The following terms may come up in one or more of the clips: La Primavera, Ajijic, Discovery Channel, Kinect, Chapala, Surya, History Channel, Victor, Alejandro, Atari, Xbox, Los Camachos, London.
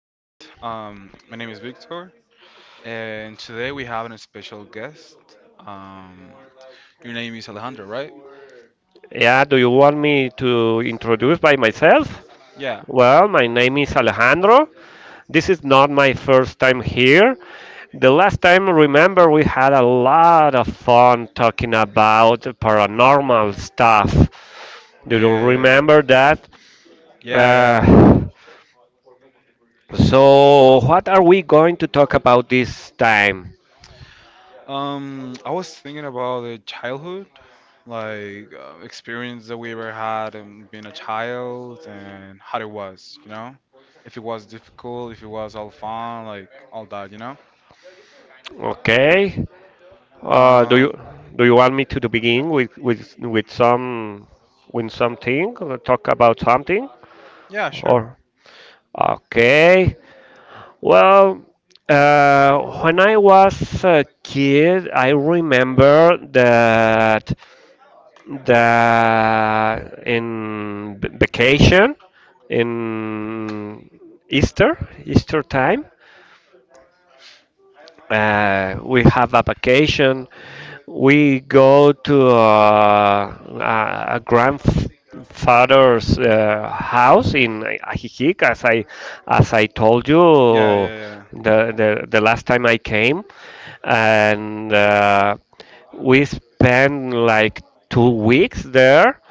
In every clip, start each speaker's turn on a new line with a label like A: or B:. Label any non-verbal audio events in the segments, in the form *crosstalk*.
A: My name is Victor, and today we have a special guest. Um, your name is Alejandro, right?
B: Yeah, do you want me to introduce by myself?
A: Yeah,
B: Well, my name is Alejandro. This is not my first time here. The last time, remember, we had a lot of fun talking about paranormal stuff. Do you
A: yeah, yeah,
B: remember that?
A: yeah, yeah.
B: Uh, so, what are we going to talk about this time?
A: I was thinking about the childhood, like experience that we ever had and being a child, and how it was, if it was difficult, if it was all fun, like all that.
B: Okay. Uh, do you
A: Um,
B: do you want me to begin with something? Or talk about something?
A: yeah, sure.
B: Or Okay. Well, when I was a kid, I remember that in vacation in Easter, Easter time, we have a vacation. We go to a grandfather's house in Ajijic, as I told
A: Yeah,
B: you
A: yeah, yeah.
B: the last time I came, and we spend like 2 weeks there.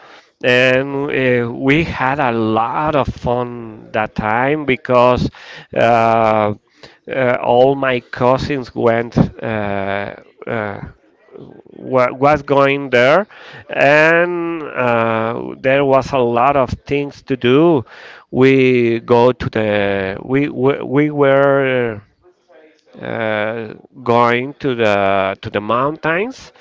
B: And we had a lot of fun that time because uh, all my cousins uh, uh, was going there, and there was a lot of things to do. We were uh, going to the mountains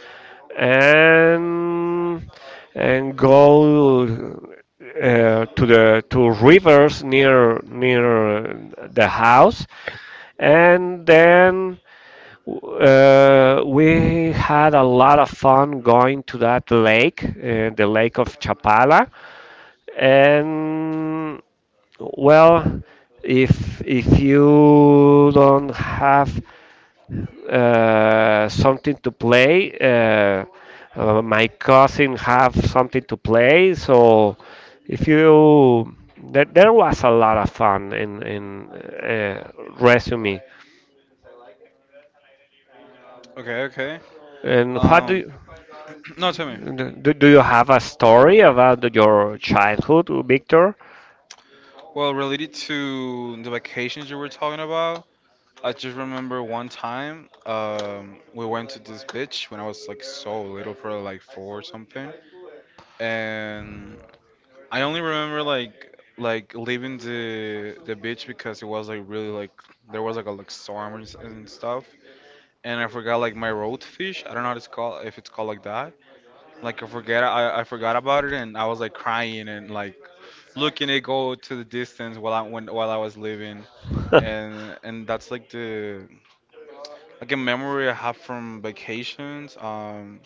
B: and and go to the to rivers near the house. And then we had a lot of fun going to that lake, the lake of Chapala. And well if you don't have something to play. My cousin have something to play. So if you there was a lot of fun in resume.
A: Okay, okay.
B: And what do
A: Um,
B: you,
A: *clears throat* no, tell me.
B: do, do you have a story about your childhood, Victor?
A: Well, related to the vacations you were talking about, I just remember one time, we went to this beach when I was like so little, probably like four or something, and I only remember like leaving the beach because it was like really like there was like a like storm and stuff, and I forgot like my road fish. I don't know how it's called if it's called like that. Like I forget I forgot about it and I was like crying and like looking it go to the distance while I was living,
B: *laughs*
A: and and that's like a memory I have from vacations. Um,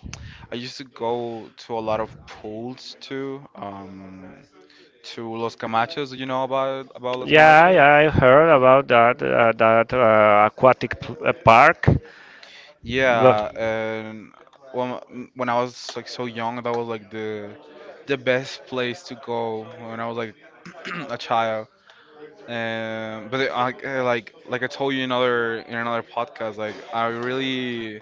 A: I used to go to a lot of pools too. To Los Camachos, you know about Los
B: Yeah,
A: Camachos?
B: yeah, I heard about that aquatic park.
A: Yeah, and when I was like so young, that was like the best place to go when I was like *clears throat* a child. But like I told you in another podcast, like I really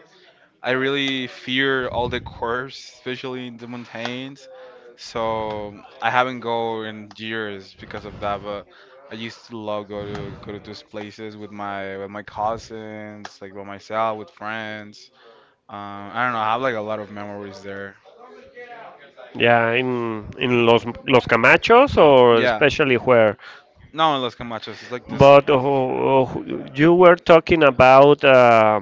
A: I really fear all the curves, especially in the mountains. So I haven't go in years because of that. But I used to love go to those places with my cousins, like by myself, with friends. I don't know. I have like a lot of memories there.
B: Yeah, in Los Camachos, or
A: Yeah.
B: especially where?
A: Not in Los Camachos. It's like this.
B: But you were talking about uh,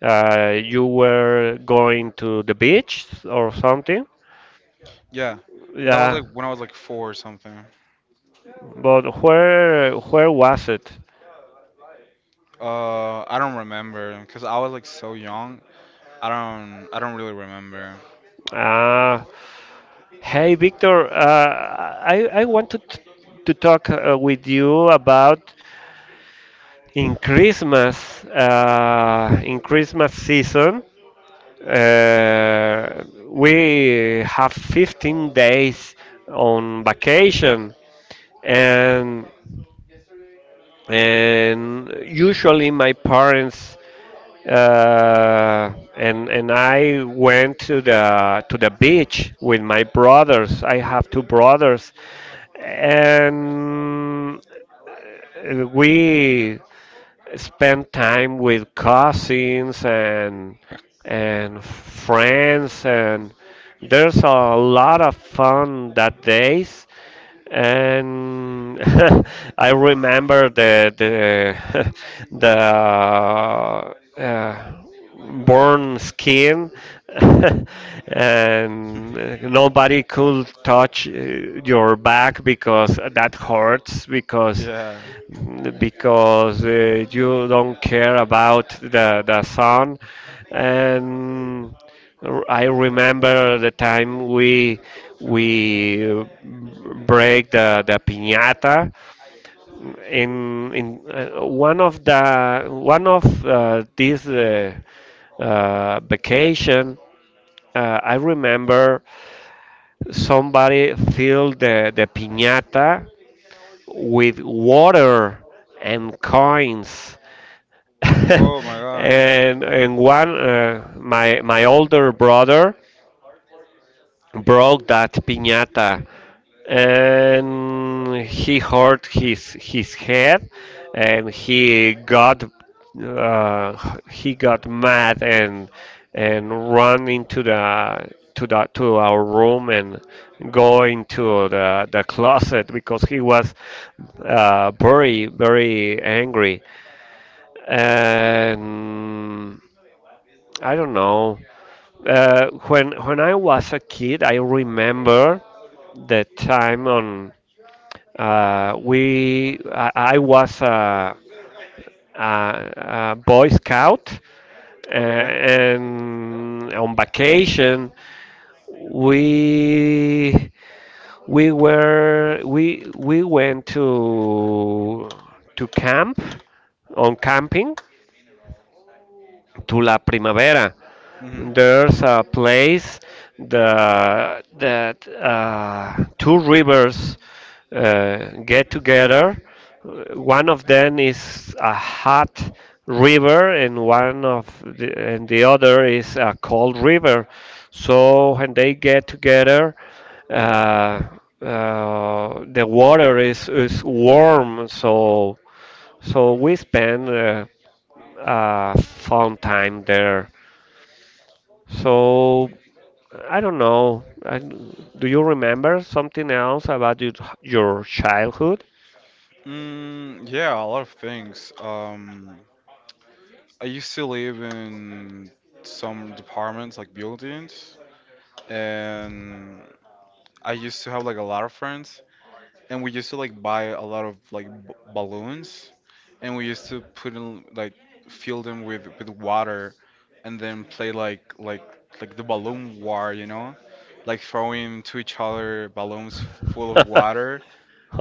B: uh, you were going to the beach or something.
A: Yeah, but that was
B: Yeah,
A: like when I was like four or something.
B: but where was it?
A: I don't remember because I was like so young. I don't. I don't really remember.
B: Ah, Hey Victor, I wanted to talk with you about in Christmas season. We have 15 days on vacation, and usually my parents and I went to the beach with my brothers. I have two brothers, and we spend time with cousins and friends, and there's a lot of fun that days. And *laughs* I remember the *laughs* the uh, burn skin. *laughs* And
A: *laughs*
B: nobody could touch your back because that hurts
A: Yeah.
B: because you don't care about the sun. And I remember the time we break the piñata in one of these vacation. I remember somebody filled the piñata with water and coins, *laughs*
A: Oh my God.
B: and one my older brother broke that piñata, and he hurt his head, and he got mad, and run into the to our room, and go into the closet because he was very very angry. And I don't know. When I was a kid, I remember the time on we I was a Boy Scout,
A: Okay.
B: and on vacation we we were we went to camp on camping to La Primavera.
A: Mhm.
B: There's a place that two rivers get together. One of them is a hot river, and the other is a cold river. So when they get together, uh, the water is warm. So we spend a fun time there. So I don't know. Do you remember something else about your childhood?
A: Mm, yeah, a lot of things. I used to live in some departments, like buildings, and I used to have like a lot of friends, and we used to like buy a lot of like b balloons, and we used to put in like fill them with water, and then play like the balloon war, like throwing to each other balloons f full of water,
B: *laughs*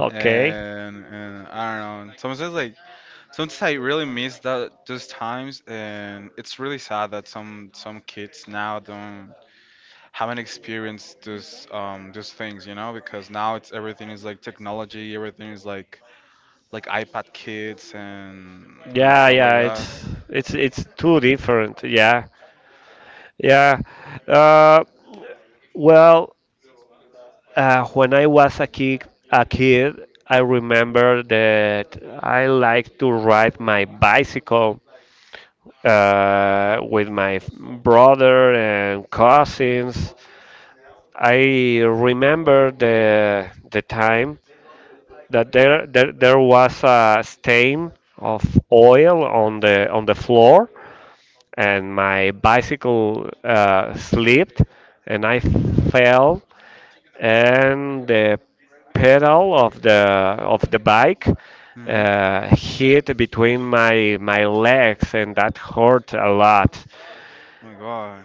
B: Okay.
A: and I don't know. Sometimes I really miss that those times, and it's really sad that some kids now don't haven't experienced those things, you know, because now it's everything is like technology, everything is like iPad kids and
B: Yeah,
A: stuff like
B: yeah,
A: that.
B: it's too different. Yeah, yeah. Uh, well, when I was a kid, I remember that I liked to ride my bicycle with my brother and cousins. I remember the time that there was a stain of oil on the floor, and my bicycle slipped, and I fell, and the pedal of the bike
A: Hmm.
B: hit between my legs, and that hurt a lot.
A: Oh my God.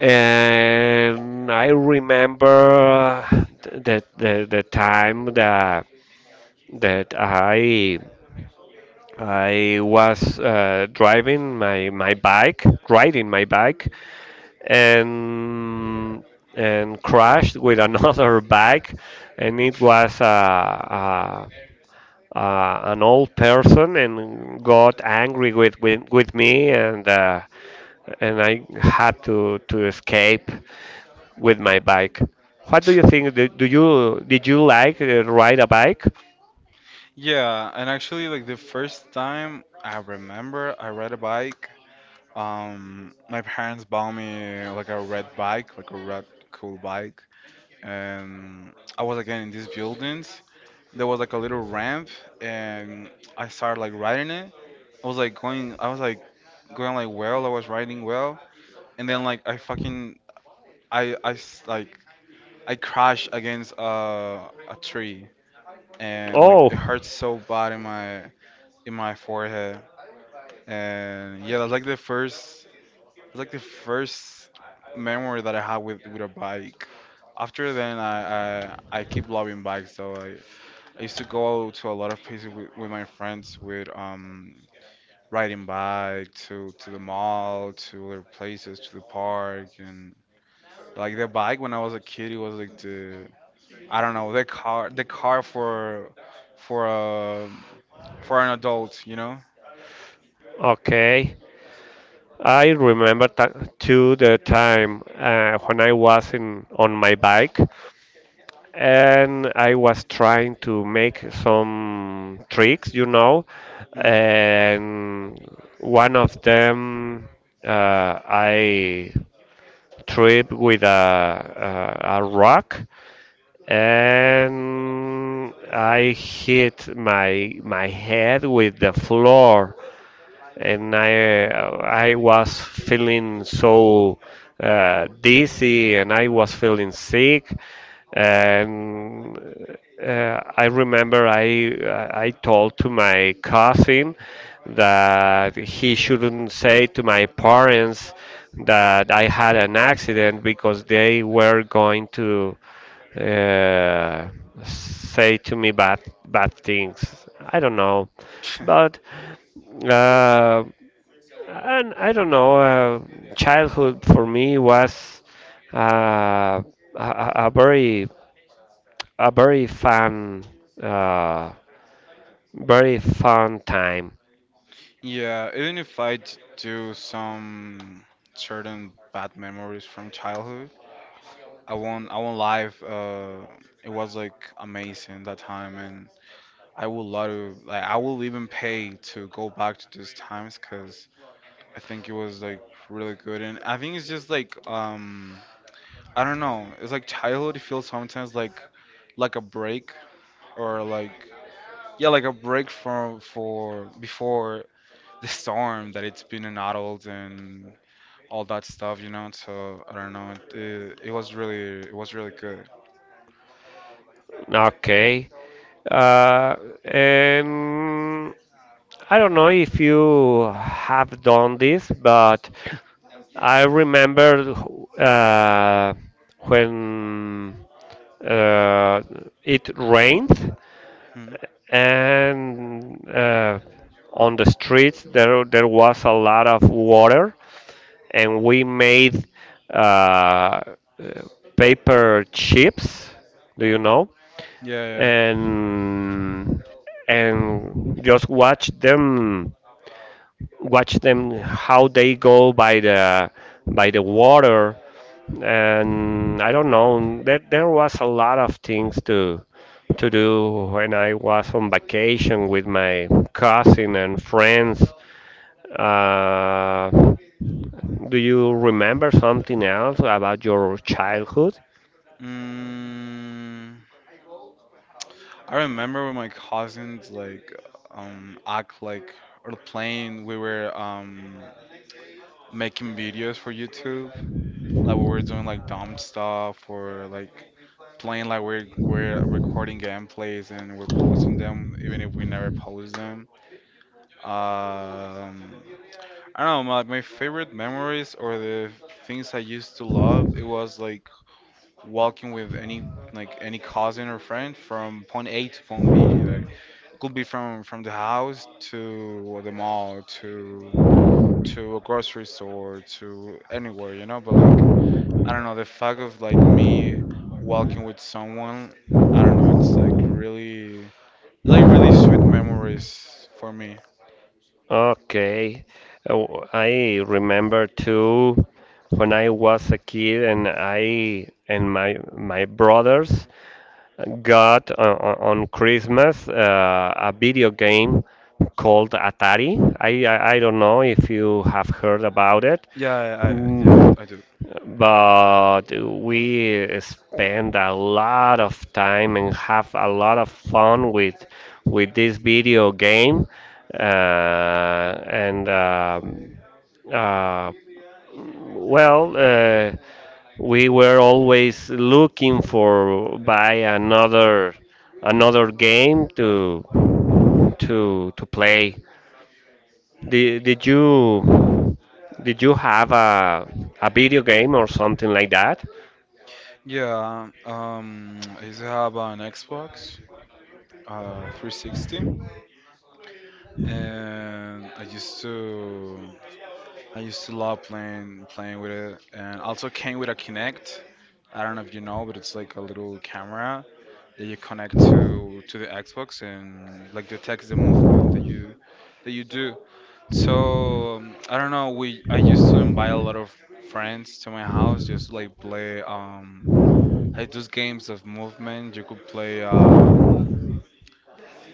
B: And I remember the time that I was driving my my bike, riding my bike, and and crashed with another *laughs* bike, and it was an old person and got angry with me, and I had to escape with my bike. What do you think? Do, do you Did you like ride a bike?
A: *laughs* Yeah, and actually, like the first time I remember I rode a bike, my parents bought me like a red bike, like a red cool bike, and I was again in these buildings. There was like a little ramp, and I started like riding it. I was like going like well, I was riding well, and then like I fucking I s- like I crashed against a tree, and like it hurt so bad in my forehead. And yeah, that's like the first memory that I have with a bike. After then, I keep loving bikes. So I used to go to a lot of places with my friends with riding bike to the mall, to other places, to the park, and like the bike when I was a kid, it was like the I don't
B: Oh.
A: know the car for um for an adult.
B: Okay, I remember ta- to the time when I was in on my bike and I was trying to make some tricks, you know,
A: Mm.
B: and one of them, I tripped with a rock, and I hit my head with the floor, and I was feeling so dizzy, and I was feeling sick. And I remember I told to my cousin that he shouldn't say to my parents that I had an accident because they were going to uh, say to me bad bad things. I don't know, but
A: *laughs*
B: uh, and I don't know, childhood for me was uh, a, a very, a uh, very fun time.
A: Yeah, even if do some certain bad memories from childhood, I won't lie. It was like amazing that time, and I would love to like I will even pay to go back to those times because I think it was like really good, and I think it's just like I don't know. It's like childhood. It feels sometimes like a break or like yeah like a break from for before the storm that it's been an adult and all that stuff. So I don't know. It was really good.
B: Okay. Uh, and I don't know if you have done this, but I remember uh, when uh, it rained,
A: Hmm.
B: and on the streets there was a lot of water, and we made uh, uh, paper chips. Do you know?
A: Yeah, yeah.
B: And and just watch them how they go by the water. And I don't know, there was a lot of things to do when I was on vacation with my cousin and friends. uh, do you remember something else about your childhood?
A: Mm, I remember when my cousins like act like or playing we were making videos for YouTube. Like we were doing like dumb stuff or like playing like we're recording gameplays and we're posting them even if we never post them. Um I don't know, my favorite memories or the things I used to love, it was like walking with any cousin or friend from point A to point B. Like could be from the house to the mall to a grocery store to anywhere, but like I don't know, the fact of like me walking with someone, I don't know, it's like really sweet memories for me.
B: Okay. Oh, I remember too when I was a kid, and I and my brothers got, on Christmas, a video game called Atari. I don't know if you have heard about it.
A: Yeah, I yeah,
B: Mm,
A: I do.
B: but we spend a lot of time and have a lot of fun with this video game. And uh, well We were always looking for buy another game to play. Did you have a video game or something like that?
A: Yeah, I used to have an Xbox 360, and I used to love playing with it, and also came with a Kinect. I don't know if you know, but it's like a little camera that you connect to the Xbox and like detects the movement that you do. So I don't know. We I used to invite a lot of friends to my house just to, like play. Like those games of movement. You could play um,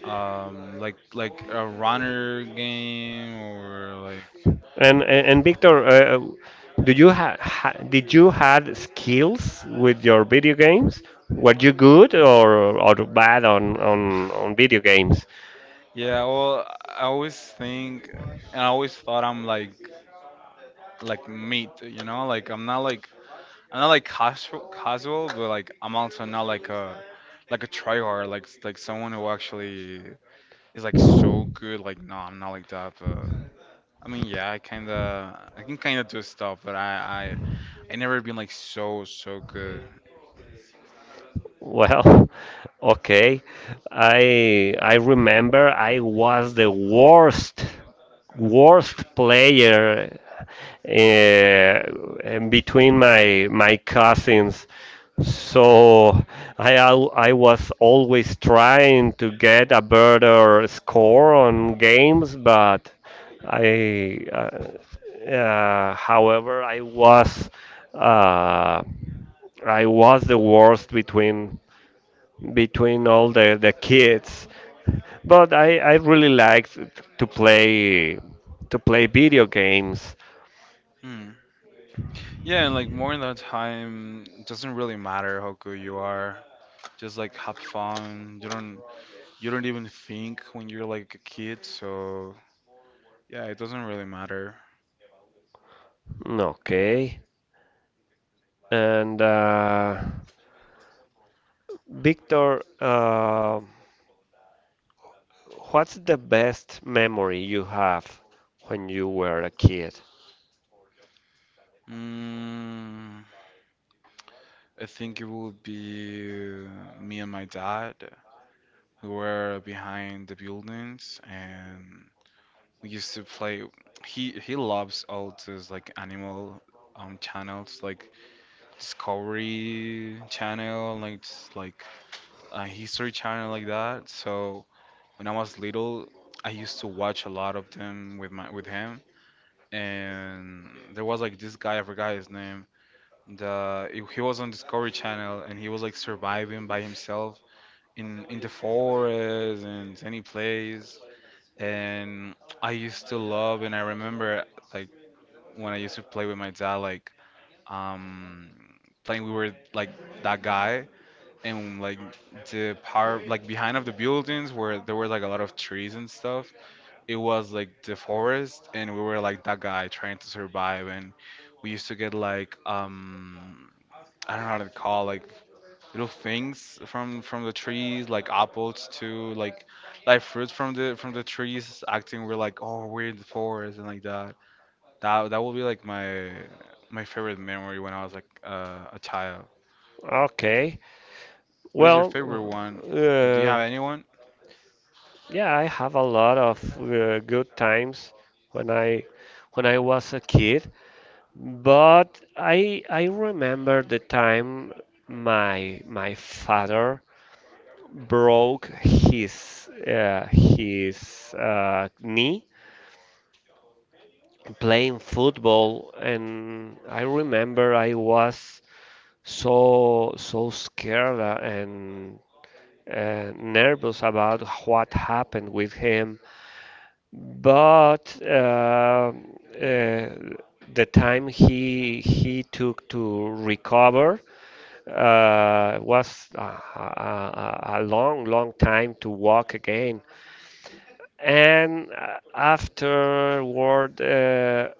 A: um, like a runner game or like
B: And Victor, do you ha, ha, did you had skills with your video games? Were you good or bad on video games?
A: yeah. Well, I always thought I'm like meat. You know, like I'm not like casual casual, but like I'm also not like a tryhard, like someone who actually is like so good. Like no, I'm not like that. But I mean, yeah, I can kind of do stuff, but I never been like so good.
B: Well, *laughs* okay. I remember I was the worst player uh, in between my cousins. So I was always trying to get a better score on games, but I however uh, I was the worst between all the kids. But I really liked to play to play video games.
A: Hmm. Yeah, and like more in that time, it doesn't really matter how good you are. Just like have fun. You don't even think when you're like a kid, so yeah, it doesn't really matter.
B: Okay. And Victor, what's the best memory you have when you were a kid?
A: Mm, I think it would be me and my dad who were behind the buildings and we used to play. He loves all those like animal channels like Discovery Channel, like a History Channel, like that. So when I was little, I used to watch a lot of them with my with him. And there was like this guy, I forgot his name. The he was on Discovery Channel and he was like surviving by himself in the forest and any place. And I used to love, and I remember like when I used to play with my dad, like um playing we were like that guy, and like the part like behind of the buildings where there were like a lot of trees and stuff, it was like the forest, and we were like that guy trying to survive, and we used to get like I don't know how to call, like little things from the trees, like apples too, like fruits from the trees, acting we're like, oh, we're in the forest, and like that will be like my favorite memory when I was like a child.
B: Okay.
A: What is your
B: Well,
A: favorite one? Or do you
B: uh,
A: have anyone?
B: yeah, I have a lot of good times when I when I was a kid. But I remember the time my father broke his knee playing football, and I remember I was so so scared and nervous about what happened with him. But uh, the time he took to recover was a long, long time to walk again. And afterward, uh,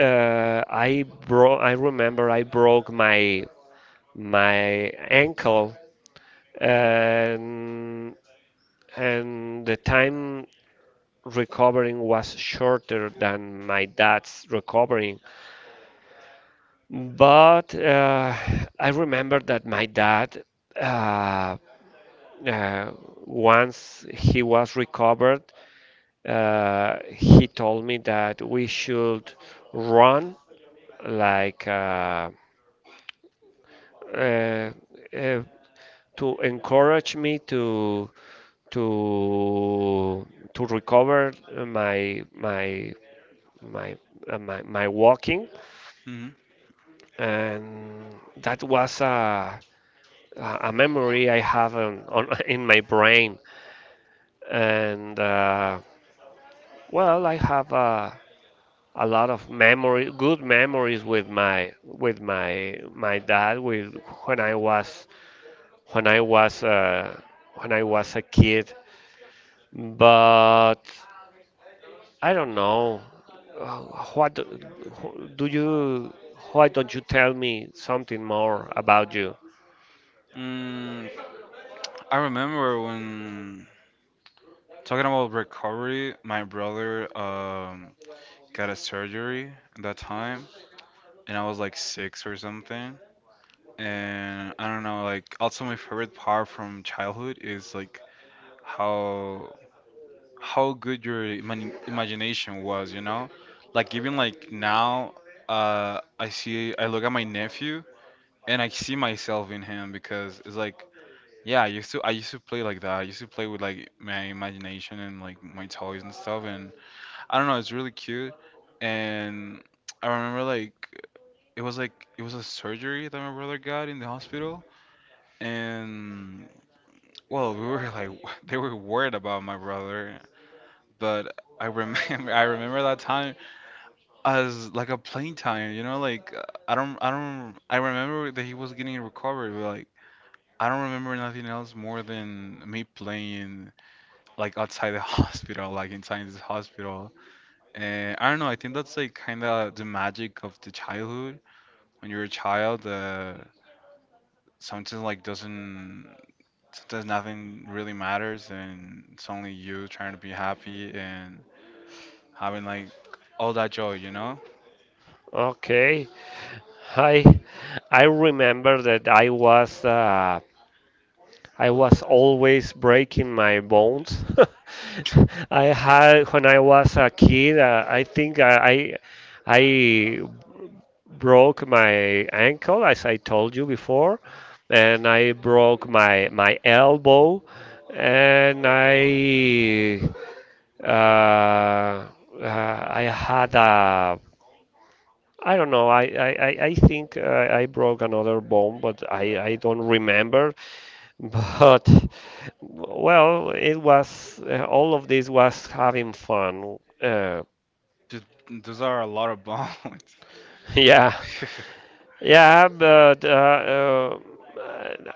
B: uh, I broke. I remember I broke my ankle, and and the time recovering was shorter than my dad's recovering. But I remember that my dad. Uh, uh, Once he was recovered, he told me that we should run, like, uh, uh, to encourage me to to recover my my my my walking.
A: Mm-hmm.
B: And that was a memory I have on *laughs* in my brain. And well, I have a lot of good memories with my with my dad with when I was when I was uh, when I was a kid. But I don't know. Uh, What do you? Why don't you tell me something more about you?
A: Mm, I remember when talking about recovery, my brother got a surgery at that time, and I was like six or something. And I don't know, like also my favorite part from childhood is like how how good your imagination was, you know? Like even like now, I look at my nephew and I see myself in him because it's like, yeah, I used to play like that. I used to play with like my imagination and like my toys and stuff, and I don't know, it's really cute. And I remember like it was a surgery that my brother got in the hospital, and well, we were like *laughs* they were worried about my brother, but I remember *laughs* I remember that time, as like a plain time, I don't I remember that he was getting recovered, but like I don't remember nothing else more than me playing like outside the *laughs* hospital, like inside this hospital. And I don't know, I think that's like kind of the magic of the childhood. When you're a child, something like doesn't, sometimes nothing really matters, and it's only you trying to be happy and having like all that joy.
B: Okay. I I remember that I was always breaking my bones.
A: *laughs*
B: *laughs* I had when I was a kid. I think I broke my ankle, as I told you before, and I broke my elbow, and uh, uh, I had a. I don't know. I think I broke another bone, but I don't remember. But *laughs* well, it was all of this was having fun.
A: Th- Those are a lot of bones.
B: *laughs* Yeah,
A: *laughs*
B: yeah, but uh,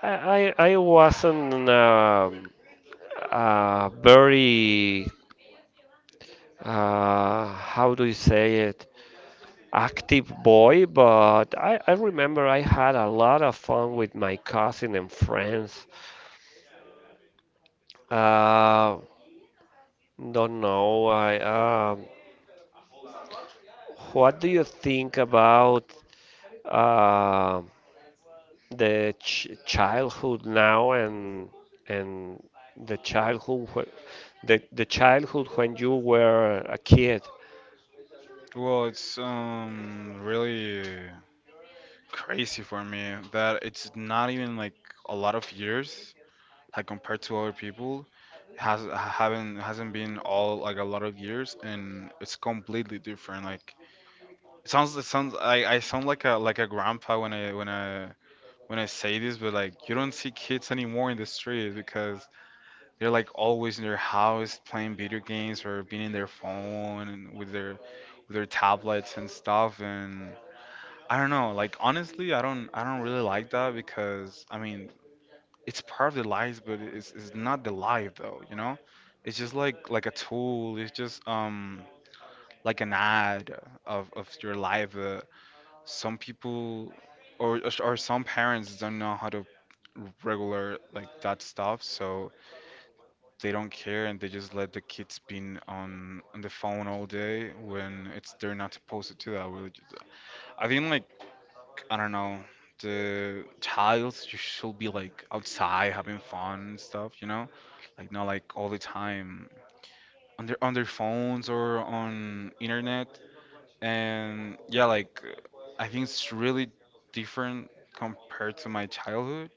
B: I wasn't very, how do you say it, active boy, but I remember I had a lot of fun with my cousin and friends. Uh, don't know. I What do you think about uh, the ch childhood now, and and the childhood, when you were a kid?
A: Well, it's really crazy for me that it's not even like a lot of years like compared to other people. Hasn't been all like a lot of years and it's completely different. Like it sounds I sound like a grandpa when I say this, but like you don't see kids anymore in the street because they're like always in their house playing video games or being in their phone and with their tablets and stuff. And I don't know, like honestly I don't really like that, because I mean, it's part of the lives, but it's not the life though. It's just like a tool. It's just like an ad of your life. Some people or some parents don't know how to regular like that stuff, so they don't care and they just let the kids been on the phone all day when it's they're not supposed to do that. Really, just- I think like I don't know, the child you should be like outside having fun and stuff. Like not like all the time on their phones or on internet. And yeah, like I think it's really different compared to my childhood.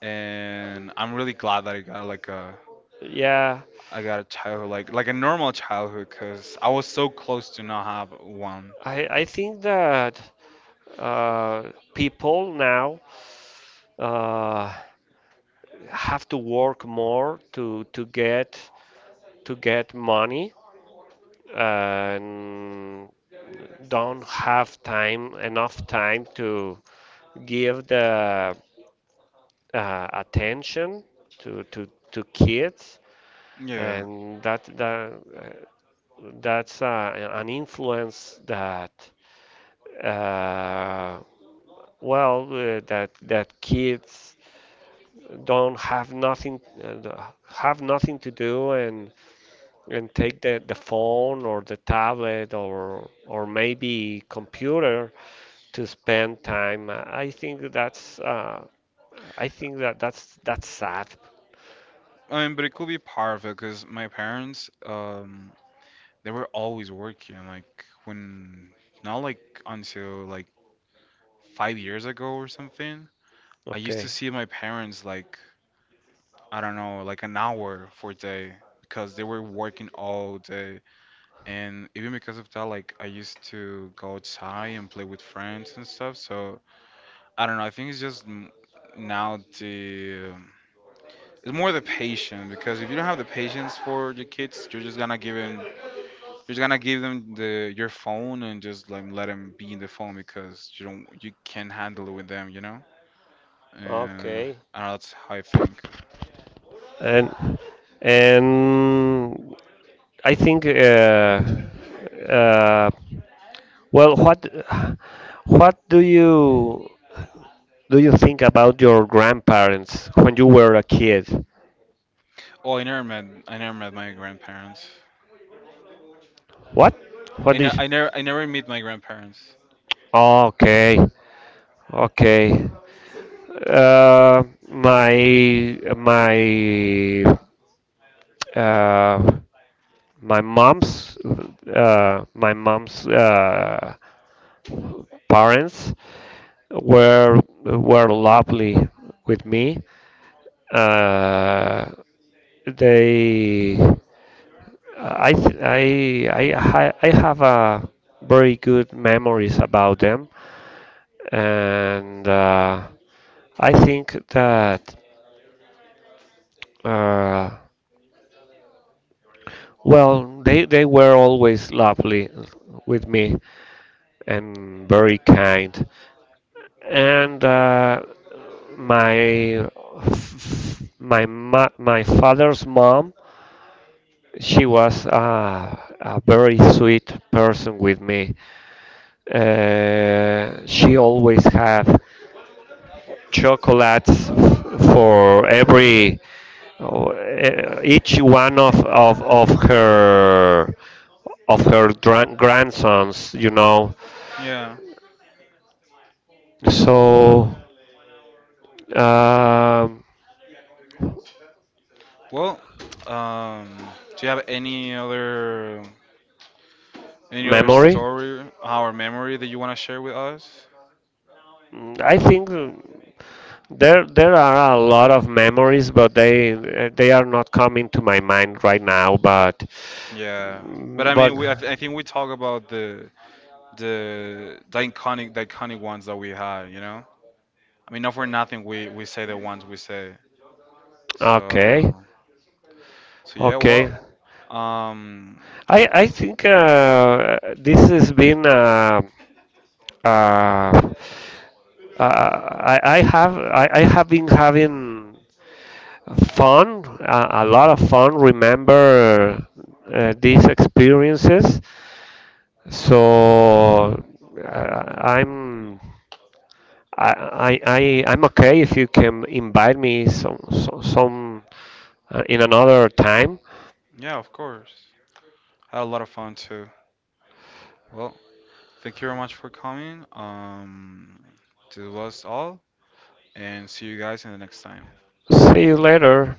A: And I'm really glad that I got like a
B: Yeah,
A: I got a childhood like a normal childhood because I was so close to not have one.
B: I think that people now uh, have to work more to get money, and don't have time enough time to give the attention to kids,
A: Yeah.
B: and that's an influence uh, that kids don't have nothing to do, and take the phone or the tablet or maybe computer to spend time. I think that that's sad.
A: I mean, but it could be part of it because my parents, they were always working, like when not like until like 5 years ago or something. I used to
B: Okay.
A: see my parents like I don't know, like an hour for a day because they were working all day. And even because of that, like I used to go outside and play with friends and stuff. So I don't know. I think it's just m- now the it's more the patience, because if you don't have the patience for your kids, you're just gonna give in. You're just gonna give them the your phone and just like let them be in the phone because you can't handle it with them. And
B: Okay.
A: I don't know, that's how I think.
B: And And I think uh, well, what do you think about your grandparents when you were a kid?
A: Oh, I never met my grandparents.
B: What? What is?
A: I never meet my grandparents.
B: Okay. Okay. Uh, my my uh, my mom's my mom's parents were lovely with me. Uh, they I, th- I ha- I have a very good memories about them, and I think that uh, well, they were always lovely with me and very kind. And my my father's mom, she was a very sweet person with me. She always have chocolates for each one of her grandsons, you know.
A: Yeah.
B: So um
A: Well, um, do you have any other
B: memory
A: story or memory that you want to share with us?
B: Mm, I think there are a lot of memories, but they are not coming to my mind right now. But
A: Yeah. But
B: mm,
A: I
B: but
A: mean, we I, th I think we talk about the the iconic ones that we had, you know? I mean, not for nothing, we say the ones we say. So
B: okay,
A: so yeah, well,
B: okay.
A: um,
B: I think this has been. Uh, I have been having fun, a lot of fun. Remember these experiences. So I'm I, I- I'm okay if you can invite me some in another time.
A: yeah, of course. I had a lot of fun too. Well, thank you very much for coming. This was all, and see you guys in the next time.
B: See you later.